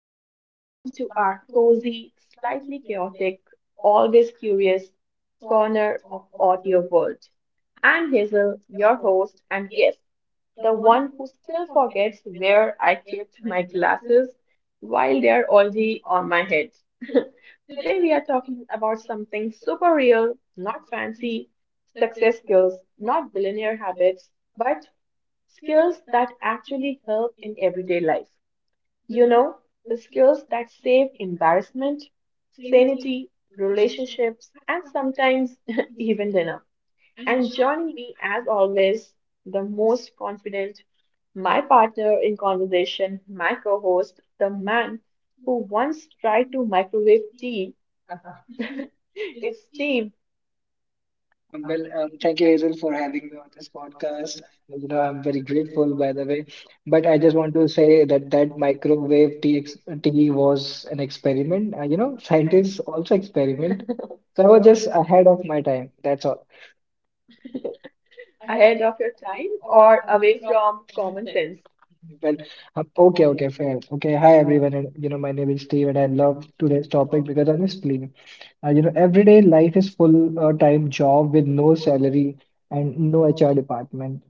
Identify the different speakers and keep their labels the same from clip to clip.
Speaker 1: Everyone. Welcome to our cozy, slightly chaotic, always curious corner of audio world. I'm Hazel, your host, and yes, the one who still forgets where I kept my glasses while they're already on my head. Today we are talking about something super real, not fancy success skills, not billionaire habits, but skills that actually help in everyday life. You know, the skills that save embarrassment, sanity, relationships, and sometimes even dinner. And joining me, as always, the most confident, my partner in conversation, my co host, the man who once tried to microwave tea. Is Steve
Speaker 2: Thank you, Hazel, for having me on this podcast. You know, I'm very grateful, by the way. But I just want to say that microwave TX, was an experiment. You know, scientists also experiment. So I was just ahead of my time. That's all.
Speaker 1: ahead of your time or away from common sense?
Speaker 2: Well, okay, fair. Okay, hi everyone. My name is Steve, and I love today's topic because honestly, everyday life is full time job with no salary and no HR department.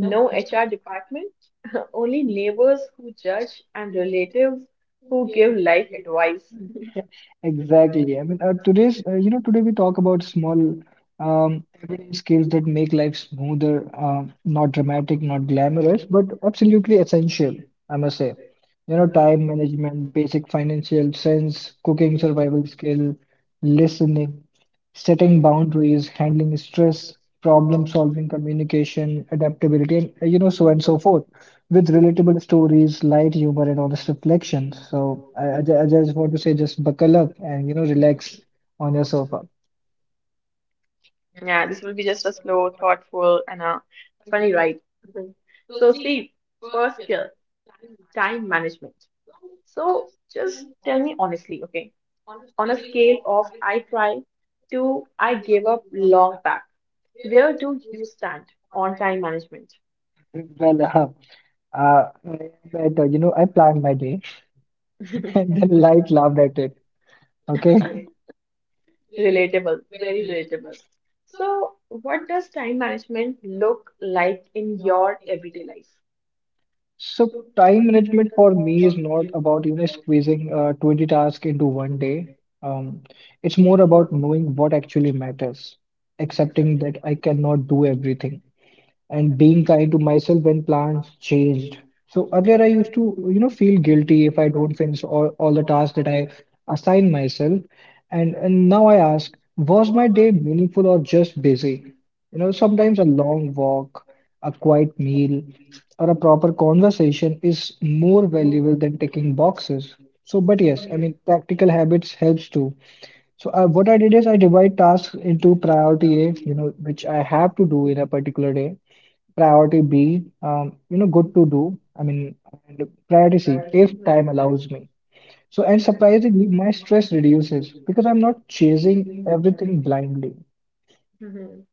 Speaker 1: No HR department, only neighbors who judge and relatives who give life advice.
Speaker 2: Exactly. Today we talk about small, everyday skills that make life smoother, not dramatic, not glamorous, but absolutely essential, I must say. You know, time management, basic financial sense, cooking survival skill, listening, setting boundaries, handling stress, problem solving, communication, adaptability, and, so on and so forth with relatable stories, light humor, and honest reflection. So I just want to say, just buckle up and you know relax on your sofa.
Speaker 1: Yeah, this will be just a slow, thoughtful, and a funny ride. Mhm. So, Steve, first skill, time management. So, just tell me honestly, okay, on a scale of I try to I gave up long back, where do you stand on time management?
Speaker 2: Well, uh, I bet you know I planned my day, and then light laughed at it. Okay,
Speaker 1: Relatable, very relatable. So, what does time management look like in your everyday life?
Speaker 2: so time management for me is not about you know squeezing 20 tasks into one day. Um, it's more about knowing what actually matters, accepting that I cannot do everything and being kind to myself when plans changed. So earlier I used to, you know, feel guilty if I don't finish all the tasks that I assign myself. And now I ask, was my day meaningful or just busy? You know, sometimes a long walk, a quiet meal, or a proper conversation is more valuable than ticking boxes. So, but yes, I mean, practical habits helps too. So what I did is I divide tasks into priority A, you know, which I have to do in a particular day, Priority B, you know, good to do. And priority C, if
Speaker 1: Mhm,
Speaker 2: time allows me. So, and surprisingly, my stress reduces because I'm not chasing everything blindly.
Speaker 1: mhm.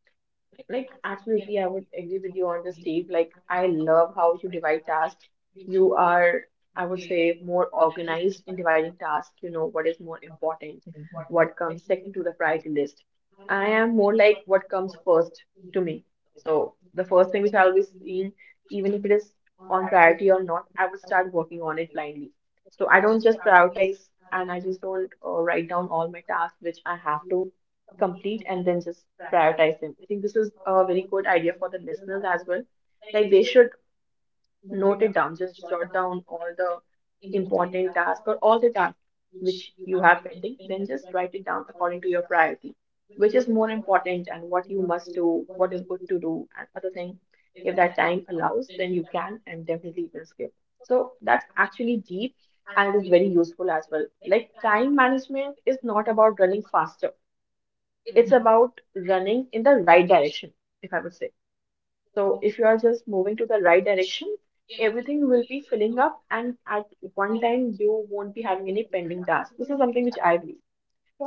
Speaker 1: Like, absolutely, I would agree with you on this, Steve. Like, I love how you divide tasks. You are, I would say, more organized in dividing tasks. You know what is more important, what comes second to the priority list. I am more like what comes first to me. So the first thing which I'll be seeing, even if it is on priority or not, I would start working on it blindly. So I don't just prioritize and I just don't write down all my tasks which I have to complete and then just prioritize them. I think this is a very good idea for the listeners as well. Like they should note it down. Just jot down all the important tasks or all the tasks which you have pending. Then just write it down according to your priority, which is more important and what you must do, what is good to do, and other thing. If that time allows, then you can and definitely will skip. So that's actually deep and is very useful as well. Like time management is not about running faster. It's about running in the right direction, if I would say. So if you are just moving to the right direction, everything will be filling up, and at one time you won't be having any pending tasks. This is something which I believe.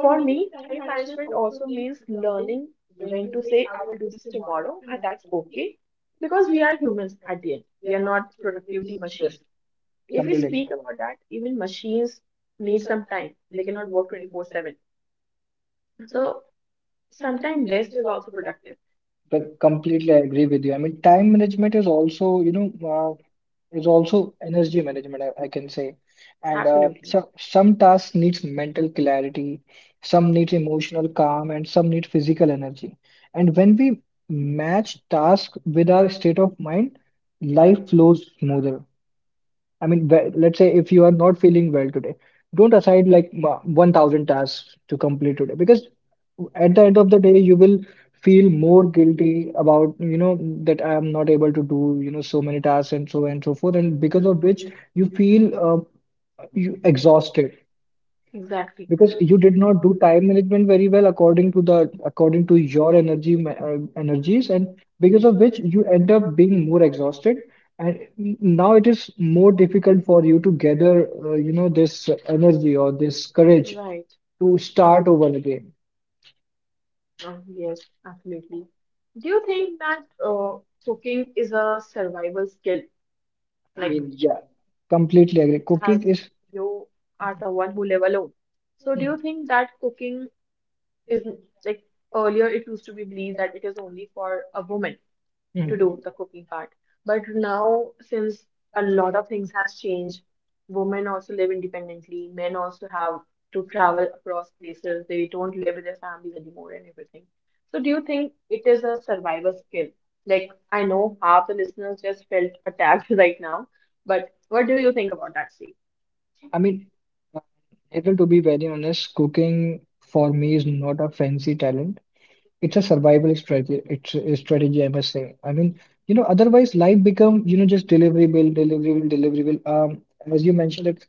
Speaker 1: For me, time management also means learning when to say, I will do this tomorrow, and that's okay. Because we are humans at the end. We are not productivity machines. If we, Mhm,
Speaker 2: Completely.
Speaker 1: speak about that, even machines need some time. They cannot work 24/7. So sometimes rest is also productive.
Speaker 2: But completely I agree with you. Time management is also, is also energy management, I can say. And
Speaker 1: Absolutely.
Speaker 2: so, some tasks needs mental clarity, some needs emotional calm, and some need physical energy. And when we match task with our state of mind, life flows smoother. I mean, let's say if you are not feeling well today, don't assign like 1000 tasks to complete today because at the end of the day, you will feel more guilty about, you know, that I am not able to do, you know, so many tasks and so forth. And because of which you feel you exhausted
Speaker 1: Exactly.
Speaker 2: because you did not do time management very well according to the according to your energy energies and because of which you end up being more exhausted and now it is more difficult for you to gather you know this energy or this courage
Speaker 1: Right.
Speaker 2: to start over again.
Speaker 1: Yes, absolutely. Do you think that cooking is a survival skill?
Speaker 2: I
Speaker 1: Like,
Speaker 2: mean, yeah, completely agree
Speaker 1: as
Speaker 2: cooking is.
Speaker 1: you are someone who live alone. So, do
Speaker 2: Hmm,
Speaker 1: you think that cooking is like earlier it used to be believed that it is only for a woman to
Speaker 2: hmm.
Speaker 1: do the cooking part? But now, since a lot of things has changed, women also live independently. Men also have to travel across places. They don't live with their families anymore and everything. So, do you think it is a survival skill? Like, I know half the listeners just felt attacked right now, but what do you think about that, Steve?
Speaker 2: I mean, uh, Neville, to be very honest, cooking for me is not a fancy talent. It's a survival strategy. It's a strategy, I must say. I mean, you know, otherwise life become, you know, just delivery bill, delivery bill, delivery bill. As you mentioned it,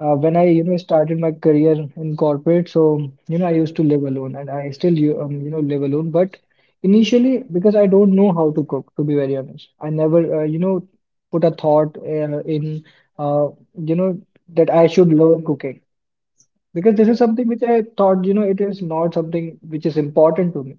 Speaker 2: when I, you know, started my career in corporate, so you know, I used to live alone, and I still, you know, live alone. But initially, because I don't know how to cook, to be very honest, I never, you know, put a thought uh, you know, that I should learn cooking because this is something which I thought, you know, it is not something which is important to me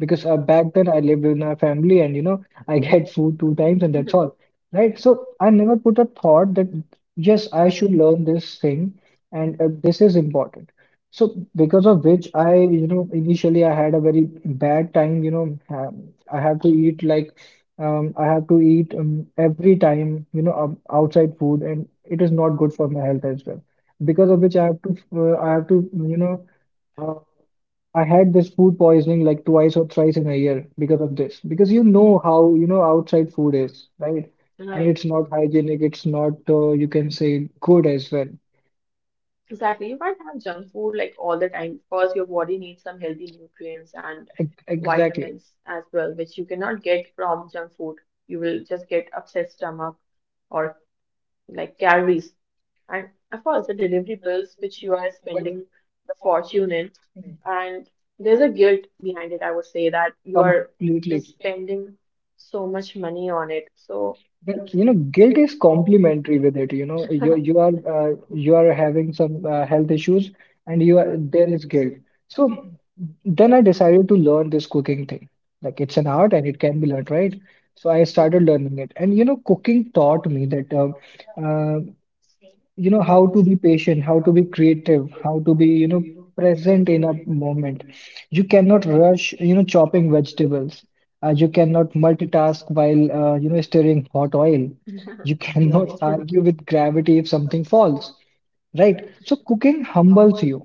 Speaker 2: because back then I lived with my family and you know I get food two times and that's all, right? So I never put a thought that yes, I should learn this thing and this is important. So because of which I, you know, initially I had a very bad time, you know, ha I have to eat like I have to eat every time, outside food and it is not good for my health as well. Because of which I have to, you know, uh, I had this food poisoning like twice or thrice in a year because of this. Because you know how, you know, outside food is, right? And it's not hygienic, it's not, you can say, good as well.
Speaker 1: Exactly. You can't have junk food like all the time. First, your body needs some healthy nutrients and
Speaker 2: Ex exactly.
Speaker 1: vitamins as well, which you cannot get from junk food. You will just get upset stomach or like calories. And of course, the delivery bills which you are spending the fortune in. And there's a guilt behind it, I would say, that you are
Speaker 2: Completely.
Speaker 1: just spending so much money on it. So,
Speaker 2: But you know, guilt is complementary with it. You know, you are having some health issues, and you are there is guilt. So then I decided to learn this cooking thing. Like it's an art and it can be learned, right? So I started
Speaker 1: mhm.
Speaker 2: learning it, and you know, cooking taught me that uh, you know how to be patient, how to be creative, how to be you know present in a moment. You cannot rush you know chopping vegetables, you cannot multitask while you know stirring hot oil, you cannot
Speaker 1: Right.
Speaker 2: argue with gravity if something falls, right? So cooking humbles you.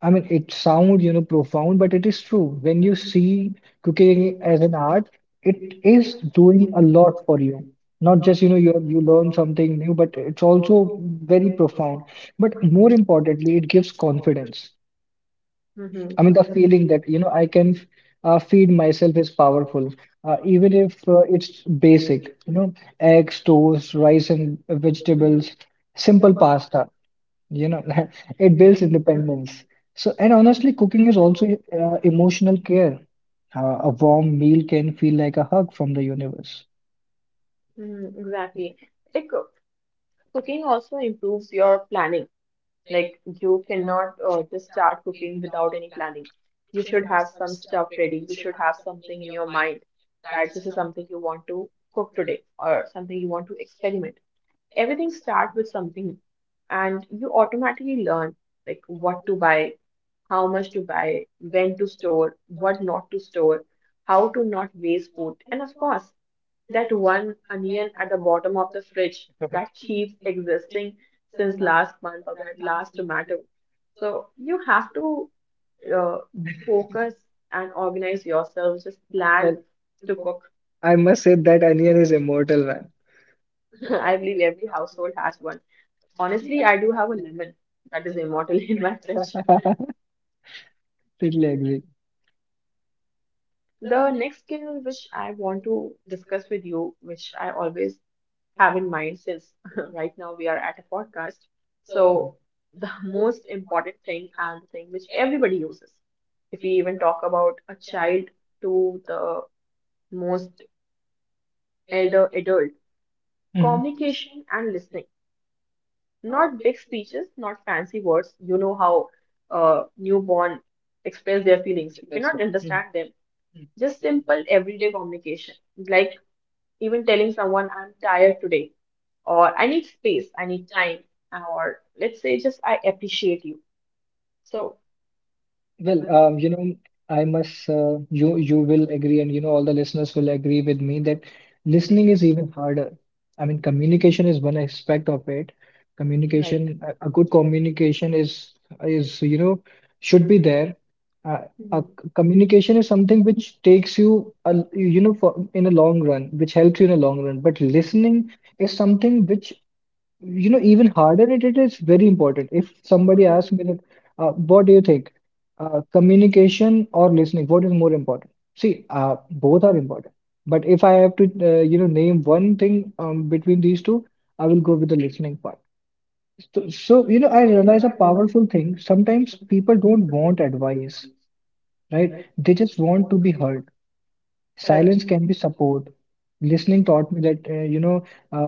Speaker 2: I mean, it sounds, you know, profound, but it is true. When you see cooking as an art, it is doing a lot for you. Not just, you know, you learn something new, but it's also very profound. But more importantly, it gives confidence. I mean, the feeling that, you know, I can feed myself is powerful, even if it's basic, you know, eggs, toast, rice and vegetables,
Speaker 1: Mhm.
Speaker 2: simple pasta, you know, it builds independence. So and honestly cooking is also emotional care. A warm meal can feel like a hug from the universe.
Speaker 1: Mm, exactly. Like cooking also improves your planning. Like you cannot just start cooking without any planning. You should have some stuff ready. You should have something in your mind that this is something you want to cook today or something you want to experiment. Everything starts with something, and you automatically learn like what to buy, how much to buy, when to store, what not to store, how to not waste food, and of course that one onion at the bottom of the fridge that keeps existing since last month, or that last tomato. So you have to uh, focus and organize yourself, just plan to cook.
Speaker 2: I must say that onion is immortal, man.
Speaker 1: I believe every household has one. Honestly, I do have a lemon that is immortal in my fridge.
Speaker 2: Totally agree.
Speaker 1: The next skill which I want to discuss with you, which I always have in mind since right now we are at a podcast. So, the most important thing and the thing which everybody uses, if we even talk about a child to the most elder adult,
Speaker 2: Mhm.
Speaker 1: communication and listening. Not big speeches, not fancy words. You know how newborn
Speaker 2: That's
Speaker 1: express their feelings. You
Speaker 2: right.
Speaker 1: cannot
Speaker 2: Mhm.
Speaker 1: understand them. Just simple everyday communication, like even telling someone, I'm tired today, or I need space, I need time, or let's say just I appreciate you. So,
Speaker 2: You know, I must you will agree, and you know, all the listeners will agree with me that listening is even harder. I mean, communication is one aspect of it.
Speaker 1: right.
Speaker 2: A good communication is you know should be there. Uh,
Speaker 1: Mhm.
Speaker 2: Communication is something which takes you you know for in a long run, which helps you in a long run. But listening is something which you know even harder. It is very important. If somebody asks me that what do you think, communication or listening, what is more important? See, both are important, but if I have to you know name one thing between these two, I will go with the listening part. So you know I realize a powerful thing. Sometimes people don't want advice, right? They just want to be heard.
Speaker 1: Correct.
Speaker 2: Silence can be support. Listening taught me that uh,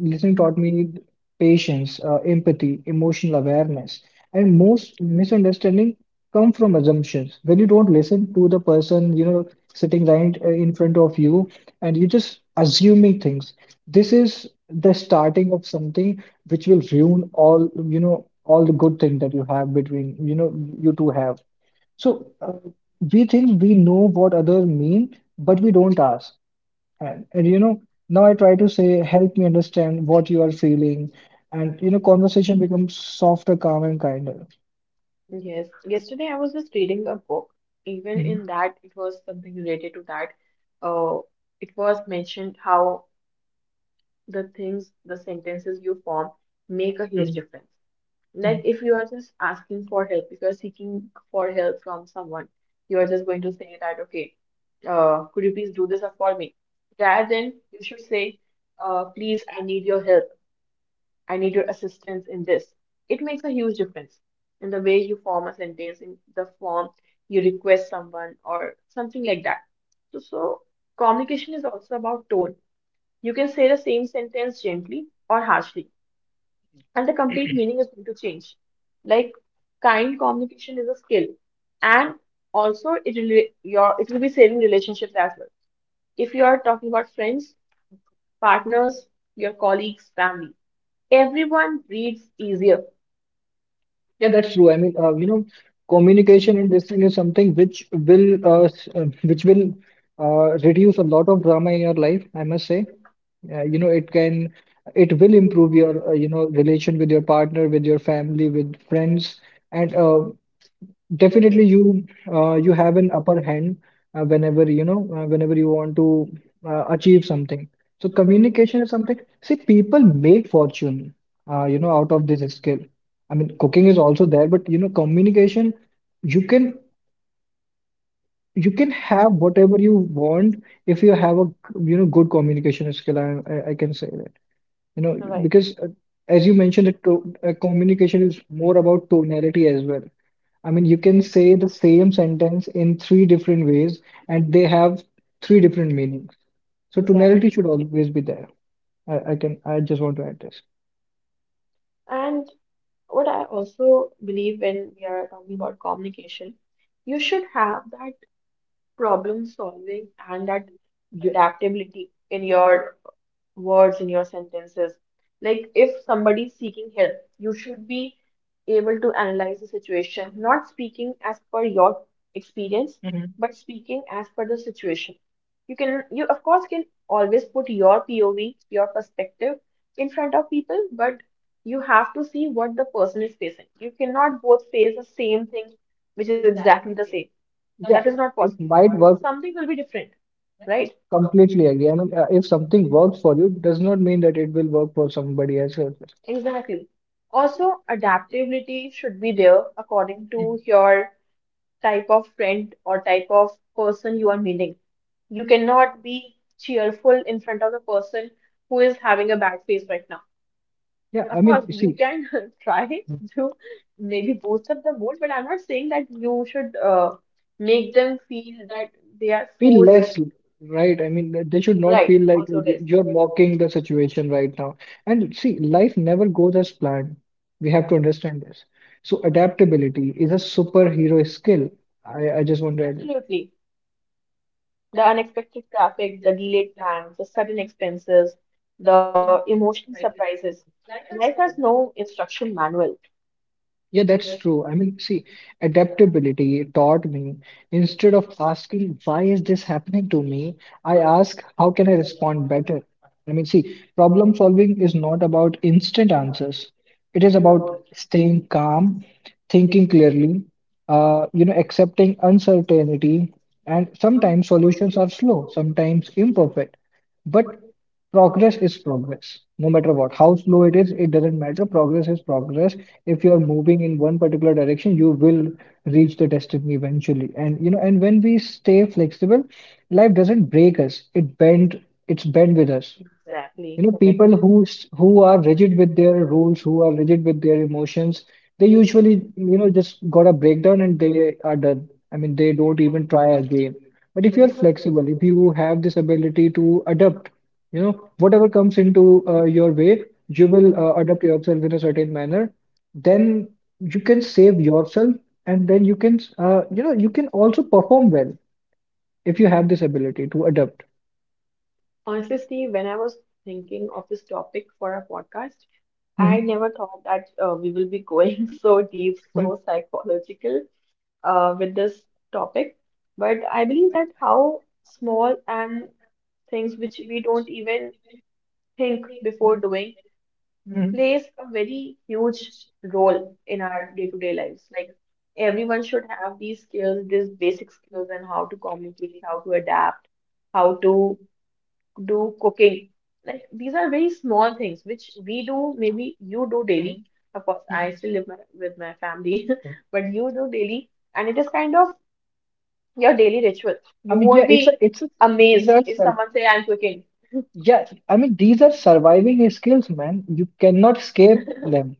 Speaker 2: listening taught me patience, empathy, emotional awareness, and most misunderstanding come from assumptions. When you don't listen to the person, you know, sitting right in front of you, and you're just assuming things. This is the starting of something which will ruin all, you know, all the good thing that you have between, you know, you two have. So we think we know what others mean, but we don't ask. And you know, now I try to say, help me understand what you are feeling. And you know, conversation becomes softer, calm, and kinder.
Speaker 1: Yes. Yesterday I was just reading a book. Even
Speaker 2: Mhm.
Speaker 1: in that, it was something related to that. Uh, it was mentioned how the things, the sentences you form make a huge
Speaker 2: Mhm.
Speaker 1: difference. Like
Speaker 2: Mhm.
Speaker 1: if you are just asking for help, if you're seeking for help from someone, you are just going to say that, okay, could you please do this for me? Rather than you should say, please, I need your help. I need your assistance in this. It makes a huge difference in the way you form a sentence, in the form you request someone or something like that. So communication is also about tone. You can say the same sentence gently or harshly and the complete meaning is going to change. Like kind communication is a skill, and also it will be saving relationships as well. If you are talking about friends, partners, your colleagues, family, everyone breathes easier.
Speaker 2: Yeah, that's true. Communication and this thing is something which will which will reduce a lot of drama in your life, I must say. You know, it can it will improve your you know relation with your partner, with your family, with friends, and definitely, you have an upper hand whenever you know whenever you want to achieve something. So communication is something. See, people make fortune, you know, out of this skill. I mean, cooking is also there, but you know, communication, you can you can have whatever you want if you have a you know good communication skill. I can say that. You know,
Speaker 1: Right.
Speaker 2: because as you mentioned, it to communication is more about tonality as well. I mean, you can say the same sentence in three different ways, and they have three different meanings. So tonality
Speaker 1: Exactly.
Speaker 2: should always be there. I can, I just want to add this.
Speaker 1: And what I also believe when we are talking about communication, you should have that problem solving and that
Speaker 2: Yeah.
Speaker 1: adaptability in your words, in your sentences. Like if somebody's seeking help, you should be able to analyze the situation, not speaking as per your experience,
Speaker 2: Mhm.
Speaker 1: but speaking as per the situation. You of course can always put your POV, your perspective in front of people, but you have to see what the person is facing. You cannot both face the same thing, which is exactly the same. That
Speaker 2: Yeah,
Speaker 1: is not possible.
Speaker 2: it might work.
Speaker 1: Something will be different, right?
Speaker 2: Completely agree. I mean, if something works for you, does not mean that it will work for somebody else. As
Speaker 1: Exactly. Also, adaptability should be
Speaker 2: well.
Speaker 1: there according to your type of friend or type of person you are meeting. You cannot be cheerful in front of the person who is having a bad face right now.
Speaker 2: Yeah, I
Speaker 1: Of
Speaker 2: mean,
Speaker 1: course,
Speaker 2: you
Speaker 1: you
Speaker 2: see.
Speaker 1: can try to maybe boost up the mood, but I'm not saying that you should make them feel that they are
Speaker 2: Feel
Speaker 1: forced.
Speaker 2: less. Right, I mean they should not
Speaker 1: Right,
Speaker 2: feel like
Speaker 1: also this.
Speaker 2: you're mocking the situation right now. And see, life never goes as planned. We have to understand this. So adaptability is a superhero skill. I just want to add it.
Speaker 1: Absolutely. The unexpected traffic, the delayed plans, the sudden expenses, the emotional surprises. Life has no instruction manual.
Speaker 2: Yeah, that's true. I mean, see, adaptability taught me, instead of asking, why is this happening to me? I ask, how can I respond better? I mean, see, problem solving is not about instant answers. It is about staying calm, thinking clearly, accepting uncertainty, and sometimes solutions are slow, sometimes imperfect. But progress is progress, no matter what. How slow it is, it doesn't matter. Progress is progress. If you are moving in one particular direction, you will reach the destiny eventually. And you know, and when we stay flexible, life doesn't break us. It bend, it's bend with us.
Speaker 1: Exactly.
Speaker 2: You know,
Speaker 1: Correct.
Speaker 2: people who are rigid with their rules, who are rigid with their emotions, they usually, you know, just got a breakdown and they are done. I mean, they don't even try again. But if
Speaker 1: If
Speaker 2: you're
Speaker 1: this
Speaker 2: flexible, if you have this ability to adapt, you know, whatever comes into your way, you will adapt yourself in a certain manner, then you can save yourself, and then you can you know, you can also perform well if you have this ability to adapt.
Speaker 1: Honestly, Steve, when I was thinking of this topic for a podcast, I
Speaker 2: Mhm.
Speaker 1: never thought that we will be going
Speaker 2: Mhm.
Speaker 1: so deep,
Speaker 2: Mhm.
Speaker 1: so psychological with this topic. But I believe that how small and things which we don't even think before doing
Speaker 2: Mhm.
Speaker 1: plays a very huge role in our day-to-day lives. Like everyone should have these skills, these basic skills and how to communicate, how to adapt, how to do cooking. Like these are very small things which we do, maybe you do daily. Of course, I still live with my family, but you
Speaker 2: Mhm.
Speaker 1: do daily, and it is kind of your daily ritual.
Speaker 2: I
Speaker 1: You
Speaker 2: mean, yeah,
Speaker 1: won't
Speaker 2: it's a,
Speaker 1: be
Speaker 2: it's a, these
Speaker 1: amazed
Speaker 2: are
Speaker 1: if
Speaker 2: sur-
Speaker 1: someone say I'm cooking.
Speaker 2: yeah, I mean, these are surviving skills, man. You cannot escape them.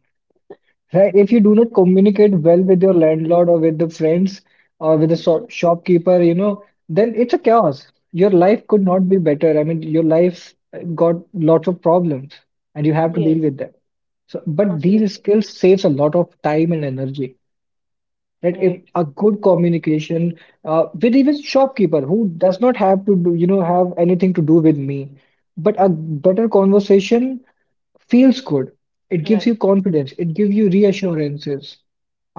Speaker 2: Right, if you do not communicate well with your landlord or with the friends or with the so shopkeeper, you know, then it's a chaos. Your life could not be better. I mean, your life got lots of problems and you have to deal
Speaker 1: Yes,
Speaker 2: with them. So, but these skills
Speaker 1: absolutely.
Speaker 2: saves a lot of time and energy. Right, if a good communication with even shopkeeper who does not have to do, you know, have anything to do with me, but a better conversation feels good. It gives you confidence, it gives you reassurances.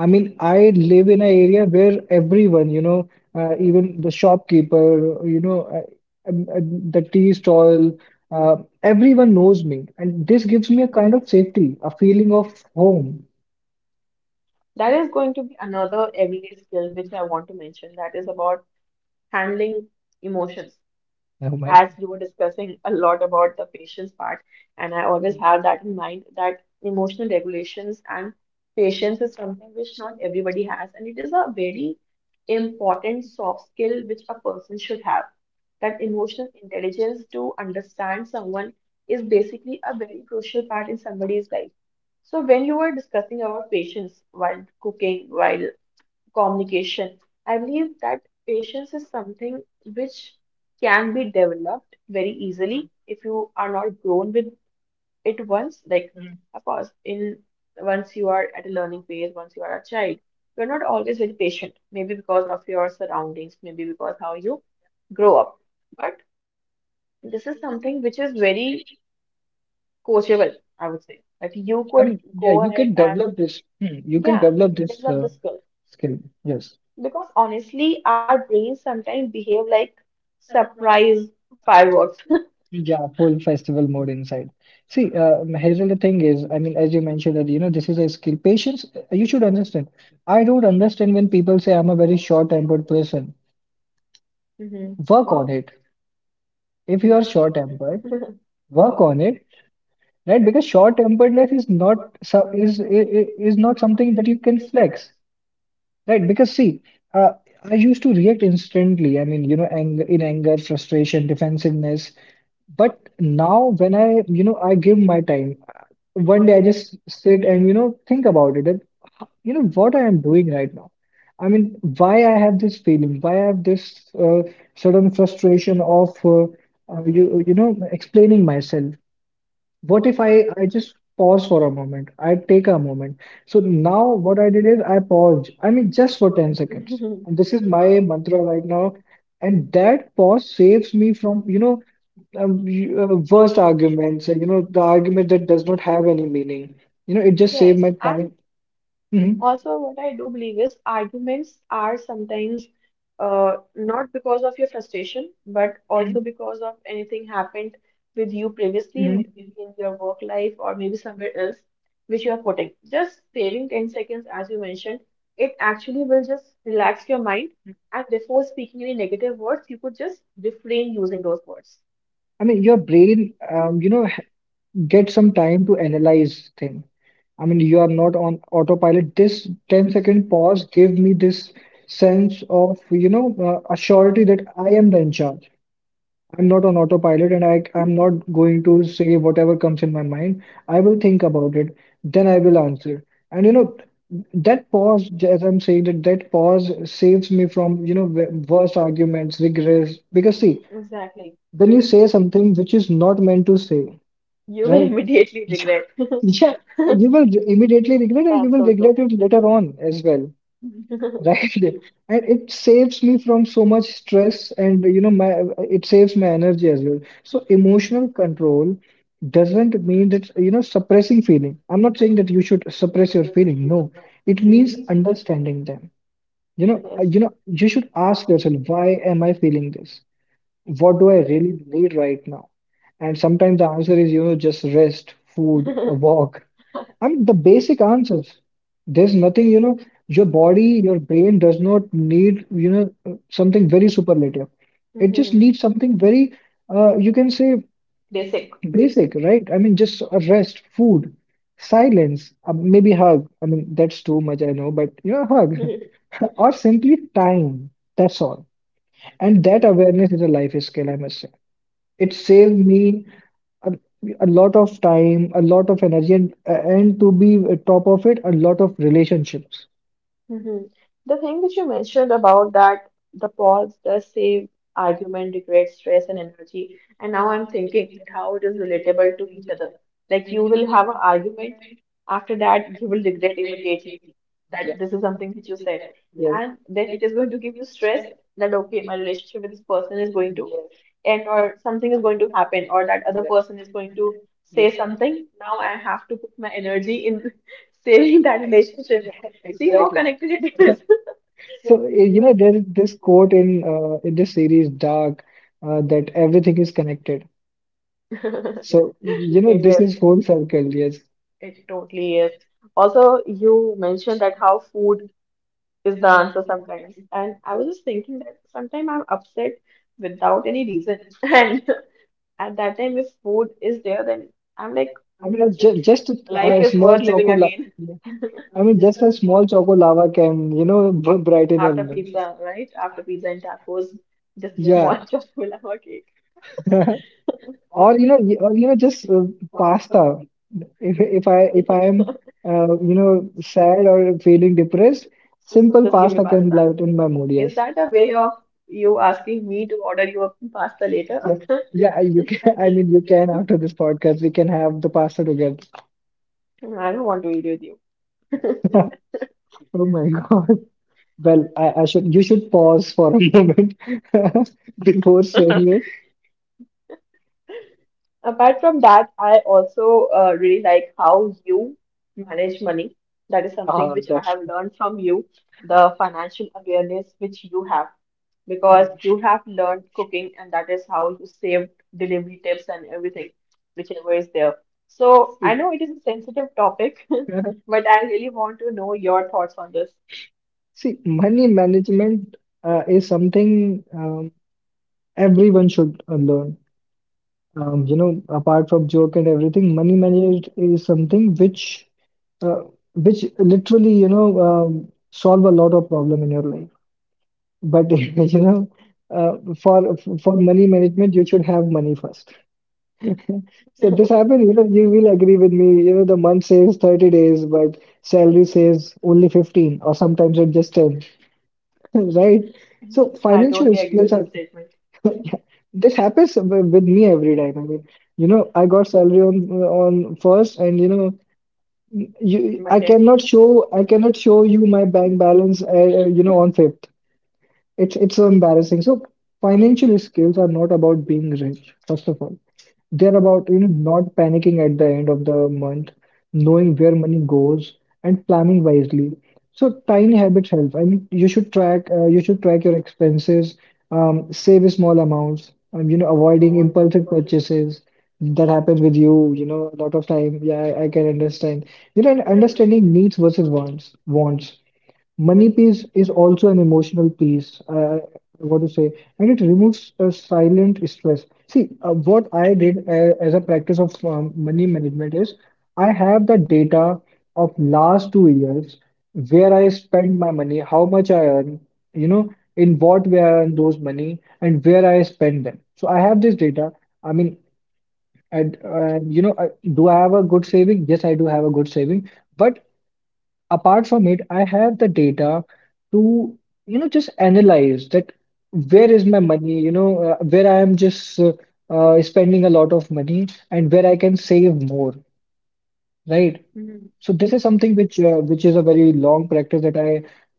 Speaker 2: I mean, I live in an area where everyone, you know, even the shopkeeper, you know, the tea stall, uh, everyone knows me. And this gives me a kind of safety, a feeling of home.
Speaker 1: That is going to be another everyday skill which I want to mention that is about handling emotions.
Speaker 2: Oh my.
Speaker 1: As you were discussing a lot about the patience part, and I always have that in mind that emotional regulations and patience is something which not everybody has, and it is a very important soft skill which a person should have. That emotional intelligence to understand someone is basically a very crucial part in somebody's life. So when you were discussing about patience while cooking, while communication. I believe that patience is something which can be developed very easily if you are not grown with it once. Like, of course, in once you are at a learning phase, once you are a child, you're not always very patient. Maybe because of your surroundings, maybe because how you grow up. But this is something which is very coachable, I would say. That you
Speaker 2: I
Speaker 1: could
Speaker 2: mean, yeah,
Speaker 1: go
Speaker 2: you
Speaker 1: ahead
Speaker 2: can
Speaker 1: and
Speaker 2: develop this. Hmm, you can
Speaker 1: yeah, if
Speaker 2: develop
Speaker 1: you can
Speaker 2: this
Speaker 1: develop the skill.
Speaker 2: skill. Yes.
Speaker 1: Because honestly, our brains sometimes behave like surprise fireworks.
Speaker 2: Yeah, full festival mode inside. See, here's the thing is, I mean, as you mentioned that, you know, this is a skill. Patience, you should understand. I don't understand when people say I'm a very short-tempered person.
Speaker 1: Mhm.
Speaker 2: Work on it. If you are short-tempered, work on it, right? Because short-temperedness is not so is I- is not something that you can flex. Right, because see, uh, I used to react instantly. I mean, you know, anger, in anger, frustration, defensiveness. But now, when I, you know, I give my time. One day, I just sit and you know think about it. And, you know what I am doing right now. I mean, why I have this feeling? Why I have this uh, sudden frustration of you know, explaining myself? What if I just pause for a moment? I take a moment. So now what I did is I paused. I mean, just for 10 seconds. And this is my mantra right now. And that pause saves me from, you know, worst arguments, and, you know, the argument that does not have any meaning. You know, it just
Speaker 1: Yes,
Speaker 2: saved my
Speaker 1: and
Speaker 2: time.
Speaker 1: mm.
Speaker 2: Mhm.
Speaker 1: Also, what I do believe is arguments are sometimes not because of your frustration, but also because of anything happened with you previously,
Speaker 2: Mhm.
Speaker 1: maybe in your work life or maybe somewhere else, which you are putting. Just saving 10 seconds, as you mentioned, it actually will just relax your mind. And before speaking any negative words, you could just refrain using those words.
Speaker 2: I mean, your brain, you know, get some time to analyze thing. I mean, you are not on autopilot. This 10 second pause gave me this sense of, you know, a surety that I am the in charge. I'm not on autopilot and I'm not going to say whatever comes in my mind. I will think about it, then I will answer. And, you know, that pause, as I'm saying, that pause saves me from, you know, worse arguments, regrets. Because, see,
Speaker 1: Exactly.
Speaker 2: when you say something which is not meant to say,
Speaker 1: You
Speaker 2: right?
Speaker 1: immediately regret.
Speaker 2: Yeah, you will immediately regret and you
Speaker 1: That's
Speaker 2: will
Speaker 1: so true.
Speaker 2: regret it later on as well,
Speaker 1: It
Speaker 2: right? And it saves me from so much stress and you know my, it saves my energy as well. So emotional control doesn't mean that you know suppressing feeling. I'm not saying that you should suppress your feeling. No, it means
Speaker 1: Mhm.
Speaker 2: understanding them. You know, you should ask yourself, why am I feeling this? What do I really need right now? And sometimes the answer is, you know, just rest, food, a walk. I mean, the basic answers. There's nothing, you know, your body, your brain does not need, you know, something very superlative. It just
Speaker 1: Hmm.
Speaker 2: needs something very, you can say basic, right? I mean, just a rest, food, silence, maybe hug. I mean, that's too much, I know, but, you know, hug. Or simply time. That's all. And that awareness is a life skill, I must say. It saved me a, a lot of time, a lot of energy, and to be top of it, a lot of relationships.
Speaker 1: Mhm. The thing that you mentioned about that the pause does save argument, regret, stress, and energy. And now I'm thinking that how it is relatable to each other. Like you will have an argument, after that you will regret immediately that this is something that you said. Yes.
Speaker 2: Yeah.
Speaker 1: And then it is going to give you stress that okay, my relationship with this person is going to end or something is going to happen or that other person is going to say something. Now I have to put my energy in saving that relationship. See how connected it is.
Speaker 2: So, eh, you know, there is this quote in this series, Dark, that everything is connected. So, you know,
Speaker 1: It
Speaker 2: this is
Speaker 1: is.
Speaker 2: full circle, yes.
Speaker 1: It totally is. Also, you mentioned that how food is the answer sometimes. And I was just thinking that sometimes I'm upset without any reason. And at that time, if food is there, then I'm like,
Speaker 2: I mean, ju just
Speaker 1: life
Speaker 2: a
Speaker 1: is worth
Speaker 2: small
Speaker 1: living
Speaker 2: choco la.
Speaker 1: again.
Speaker 2: I mean, just a small choco lava can, you know, b brighten a
Speaker 1: After
Speaker 2: mood.
Speaker 1: pizza, right? After pizza and tacos, just yeah,
Speaker 2: Yeah.
Speaker 1: one chocolate lava cake.
Speaker 2: Or, you know, just pasta. If I am, you know, sad or feeling depressed, simple
Speaker 1: Just give me
Speaker 2: pasta can
Speaker 1: pasta.
Speaker 2: brighten my mood,
Speaker 1: Is
Speaker 2: yes.
Speaker 1: that a way of you asking me to order you a pasta later?
Speaker 2: Yes. Yeah, you can. I mean, you can, after this podcast, we can have the pasta together.
Speaker 1: I don't want to eat with you.
Speaker 2: Oh my God. Well, you should pause for a moment before saying it.
Speaker 1: Apart from that, I also really like how you manage money. That is something
Speaker 2: Uh,
Speaker 1: which I
Speaker 2: that's,
Speaker 1: have learned from you, the financial awareness which you have, because you have learned cooking, and that is how you saved delivery tips and everything, whichever is there. So I know it is a sensitive topic, but I really want to know your thoughts on this.
Speaker 2: See, money management is something. Everyone should learn. You know, apart from joke and everything, money management is something uh, which literally, you know, solve a lot of problem in your life. But you know, uh, for for money management, you should have money first. So this happened, you
Speaker 1: I
Speaker 2: know, you will agree with me. You know, the month says 30 days, but salary says only 15, or sometimes it just 10. Right? So financial
Speaker 1: totally agree
Speaker 2: skills
Speaker 1: with the
Speaker 2: are
Speaker 1: statement.
Speaker 2: yeah, this happens with me every time. I mean, you know, I got salary on first, and you know, you
Speaker 1: My dad.
Speaker 2: I cannot show you my bank balance, you know, on fifth. It's so embarrassing. So financial skills are not about being rich, first of all. They're about, you know, not panicking at the end of the month, knowing where money goes and planning wisely. So tiny habits help. I mean, you should track your expenses, save small amounts, you know, avoiding impulsive purchases that happen with you, you know, a lot of time. Yeah, I can understand. You know, and understanding needs versus wants. Money piece is also an emotional piece, I want to say, and it removes a silent stress. See, what I did as a practice of money management is I have the data of last 2 years where I spend my money, how much I earn, you know, in what way I earn those money, and where I spend them. So I have this data. I mean, and you know, I, do I have a good saving? Yes, I do have a good saving, but apart from it, I have the data to, you know, just analyze that where is my money, you know, where I am just spending a lot of money and where I can save more. Right.
Speaker 1: Mhm.
Speaker 2: So this is something which is a very long practice that I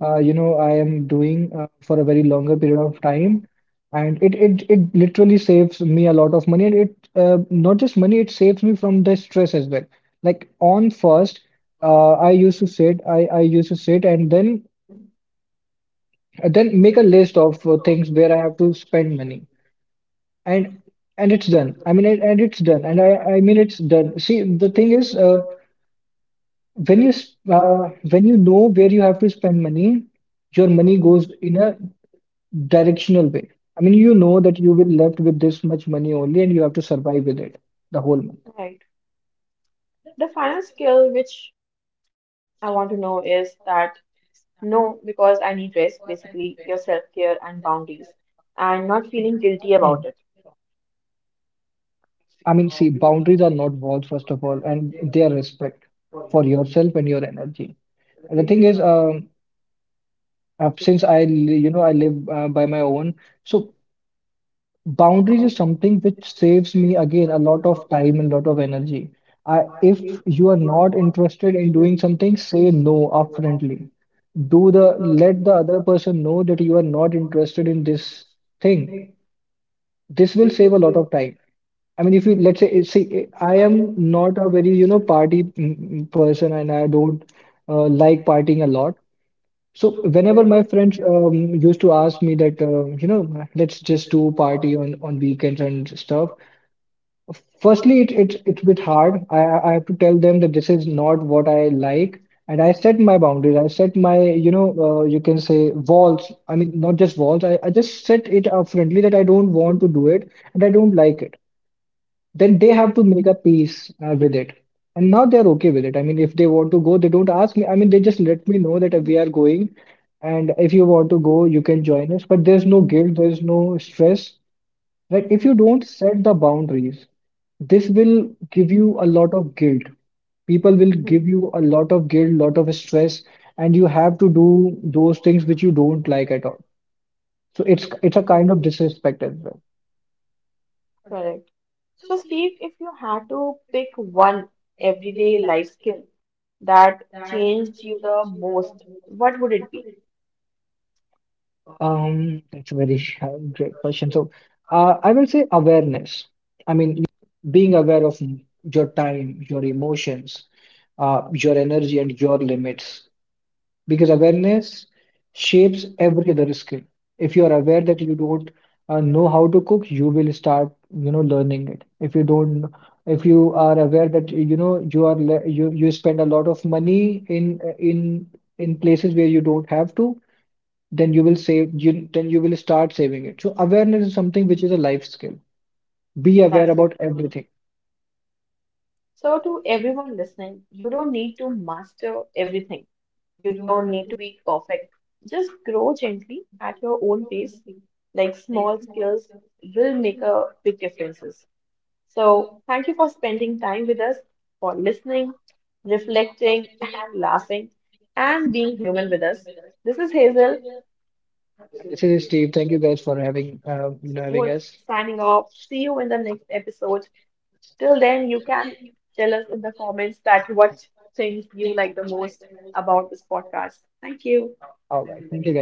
Speaker 2: you know I am doing for a very longer period of time, and it literally saves me a lot of money, and it not just money, it saves me from the stress as well. Like on first, I used to sit, and then make a list of things where I have to spend money, and and it's done. I mean, and it's done, and it's done. See, the thing is. When you when you know where you have to spend money, your money goes in a directional way. I mean, you know that you will left with this much money only, and you have to survive with it the whole month.
Speaker 1: Right. The final skill which I want to know is that no, because I need rest, basically your self-care and boundaries, and not
Speaker 2: Mm.
Speaker 1: feeling guilty about it.
Speaker 2: I mean, see, boundaries are not walls, first of all, and they are respect for yourself and your energy. And the thing is, since you know, I live by my own, so boundaries is something which saves me again a lot of time and a lot of energy. I, if you are not interested in doing something, say no upfrontly. Do the let the other person know that you are not interested in this thing. This will save a lot of time. I mean, if you let's say, see, I am not a very, you know, party person and I don't like partying a lot. So whenever my friends used to ask me that you know let's just do party on weekends and stuff. Firstly, it's a bit hard. I have to tell them that this is not what I like, and I set my boundaries. I set my, you know, you can say walls. I mean not just walls. I just set it up friendly that I don't want to do it and I don't like it, then they have to make a peace with it. And now they're okay with it. I mean, if they want to go, they don't ask me. I mean, they just let me know that we are going, and if you want to go, you can join us. But there's no guilt, there's no stress, right? If you
Speaker 1: Mhm.
Speaker 2: don't set the boundaries, this will give you a lot of guilt. People will
Speaker 1: Mhm.
Speaker 2: give you a lot of guilt, lot of stress, and you have to do those things which you don't like at all. So it's a kind of disrespect as well.
Speaker 1: Correct. So, Steve, if you had to pick one everyday life skill that changed you the most, what would it be?
Speaker 2: That's a very great question. So, I will say awareness. I mean, being aware of your time, your emotions, your energy, and your limits, because awareness shapes every other skill. If you are aware that you don't know how to cook, you will start, you know, learning it. If you are aware that you know you are le you you spend a lot of money in places where you don't have to, then you will save you then you will start saving it. So awareness is something which is a life skill. Be aware
Speaker 1: That's
Speaker 2: about
Speaker 1: beautiful.
Speaker 2: everything.
Speaker 1: So, to everyone listening, you don't need to master everything. You don't need to be perfect. Just grow gently at your own pace. Like small skills will make a big differences. So, thank you for spending time with us, for listening, reflecting, and laughing, and being human with us. This is Hazel,
Speaker 2: And this is Steve. Thank you guys for having you know having
Speaker 1: support
Speaker 2: us.
Speaker 1: signing off. See you in the next episode. Till then, you can tell us in the comments that what things you like the most about this podcast. Thank you.
Speaker 2: All right, thank you guys.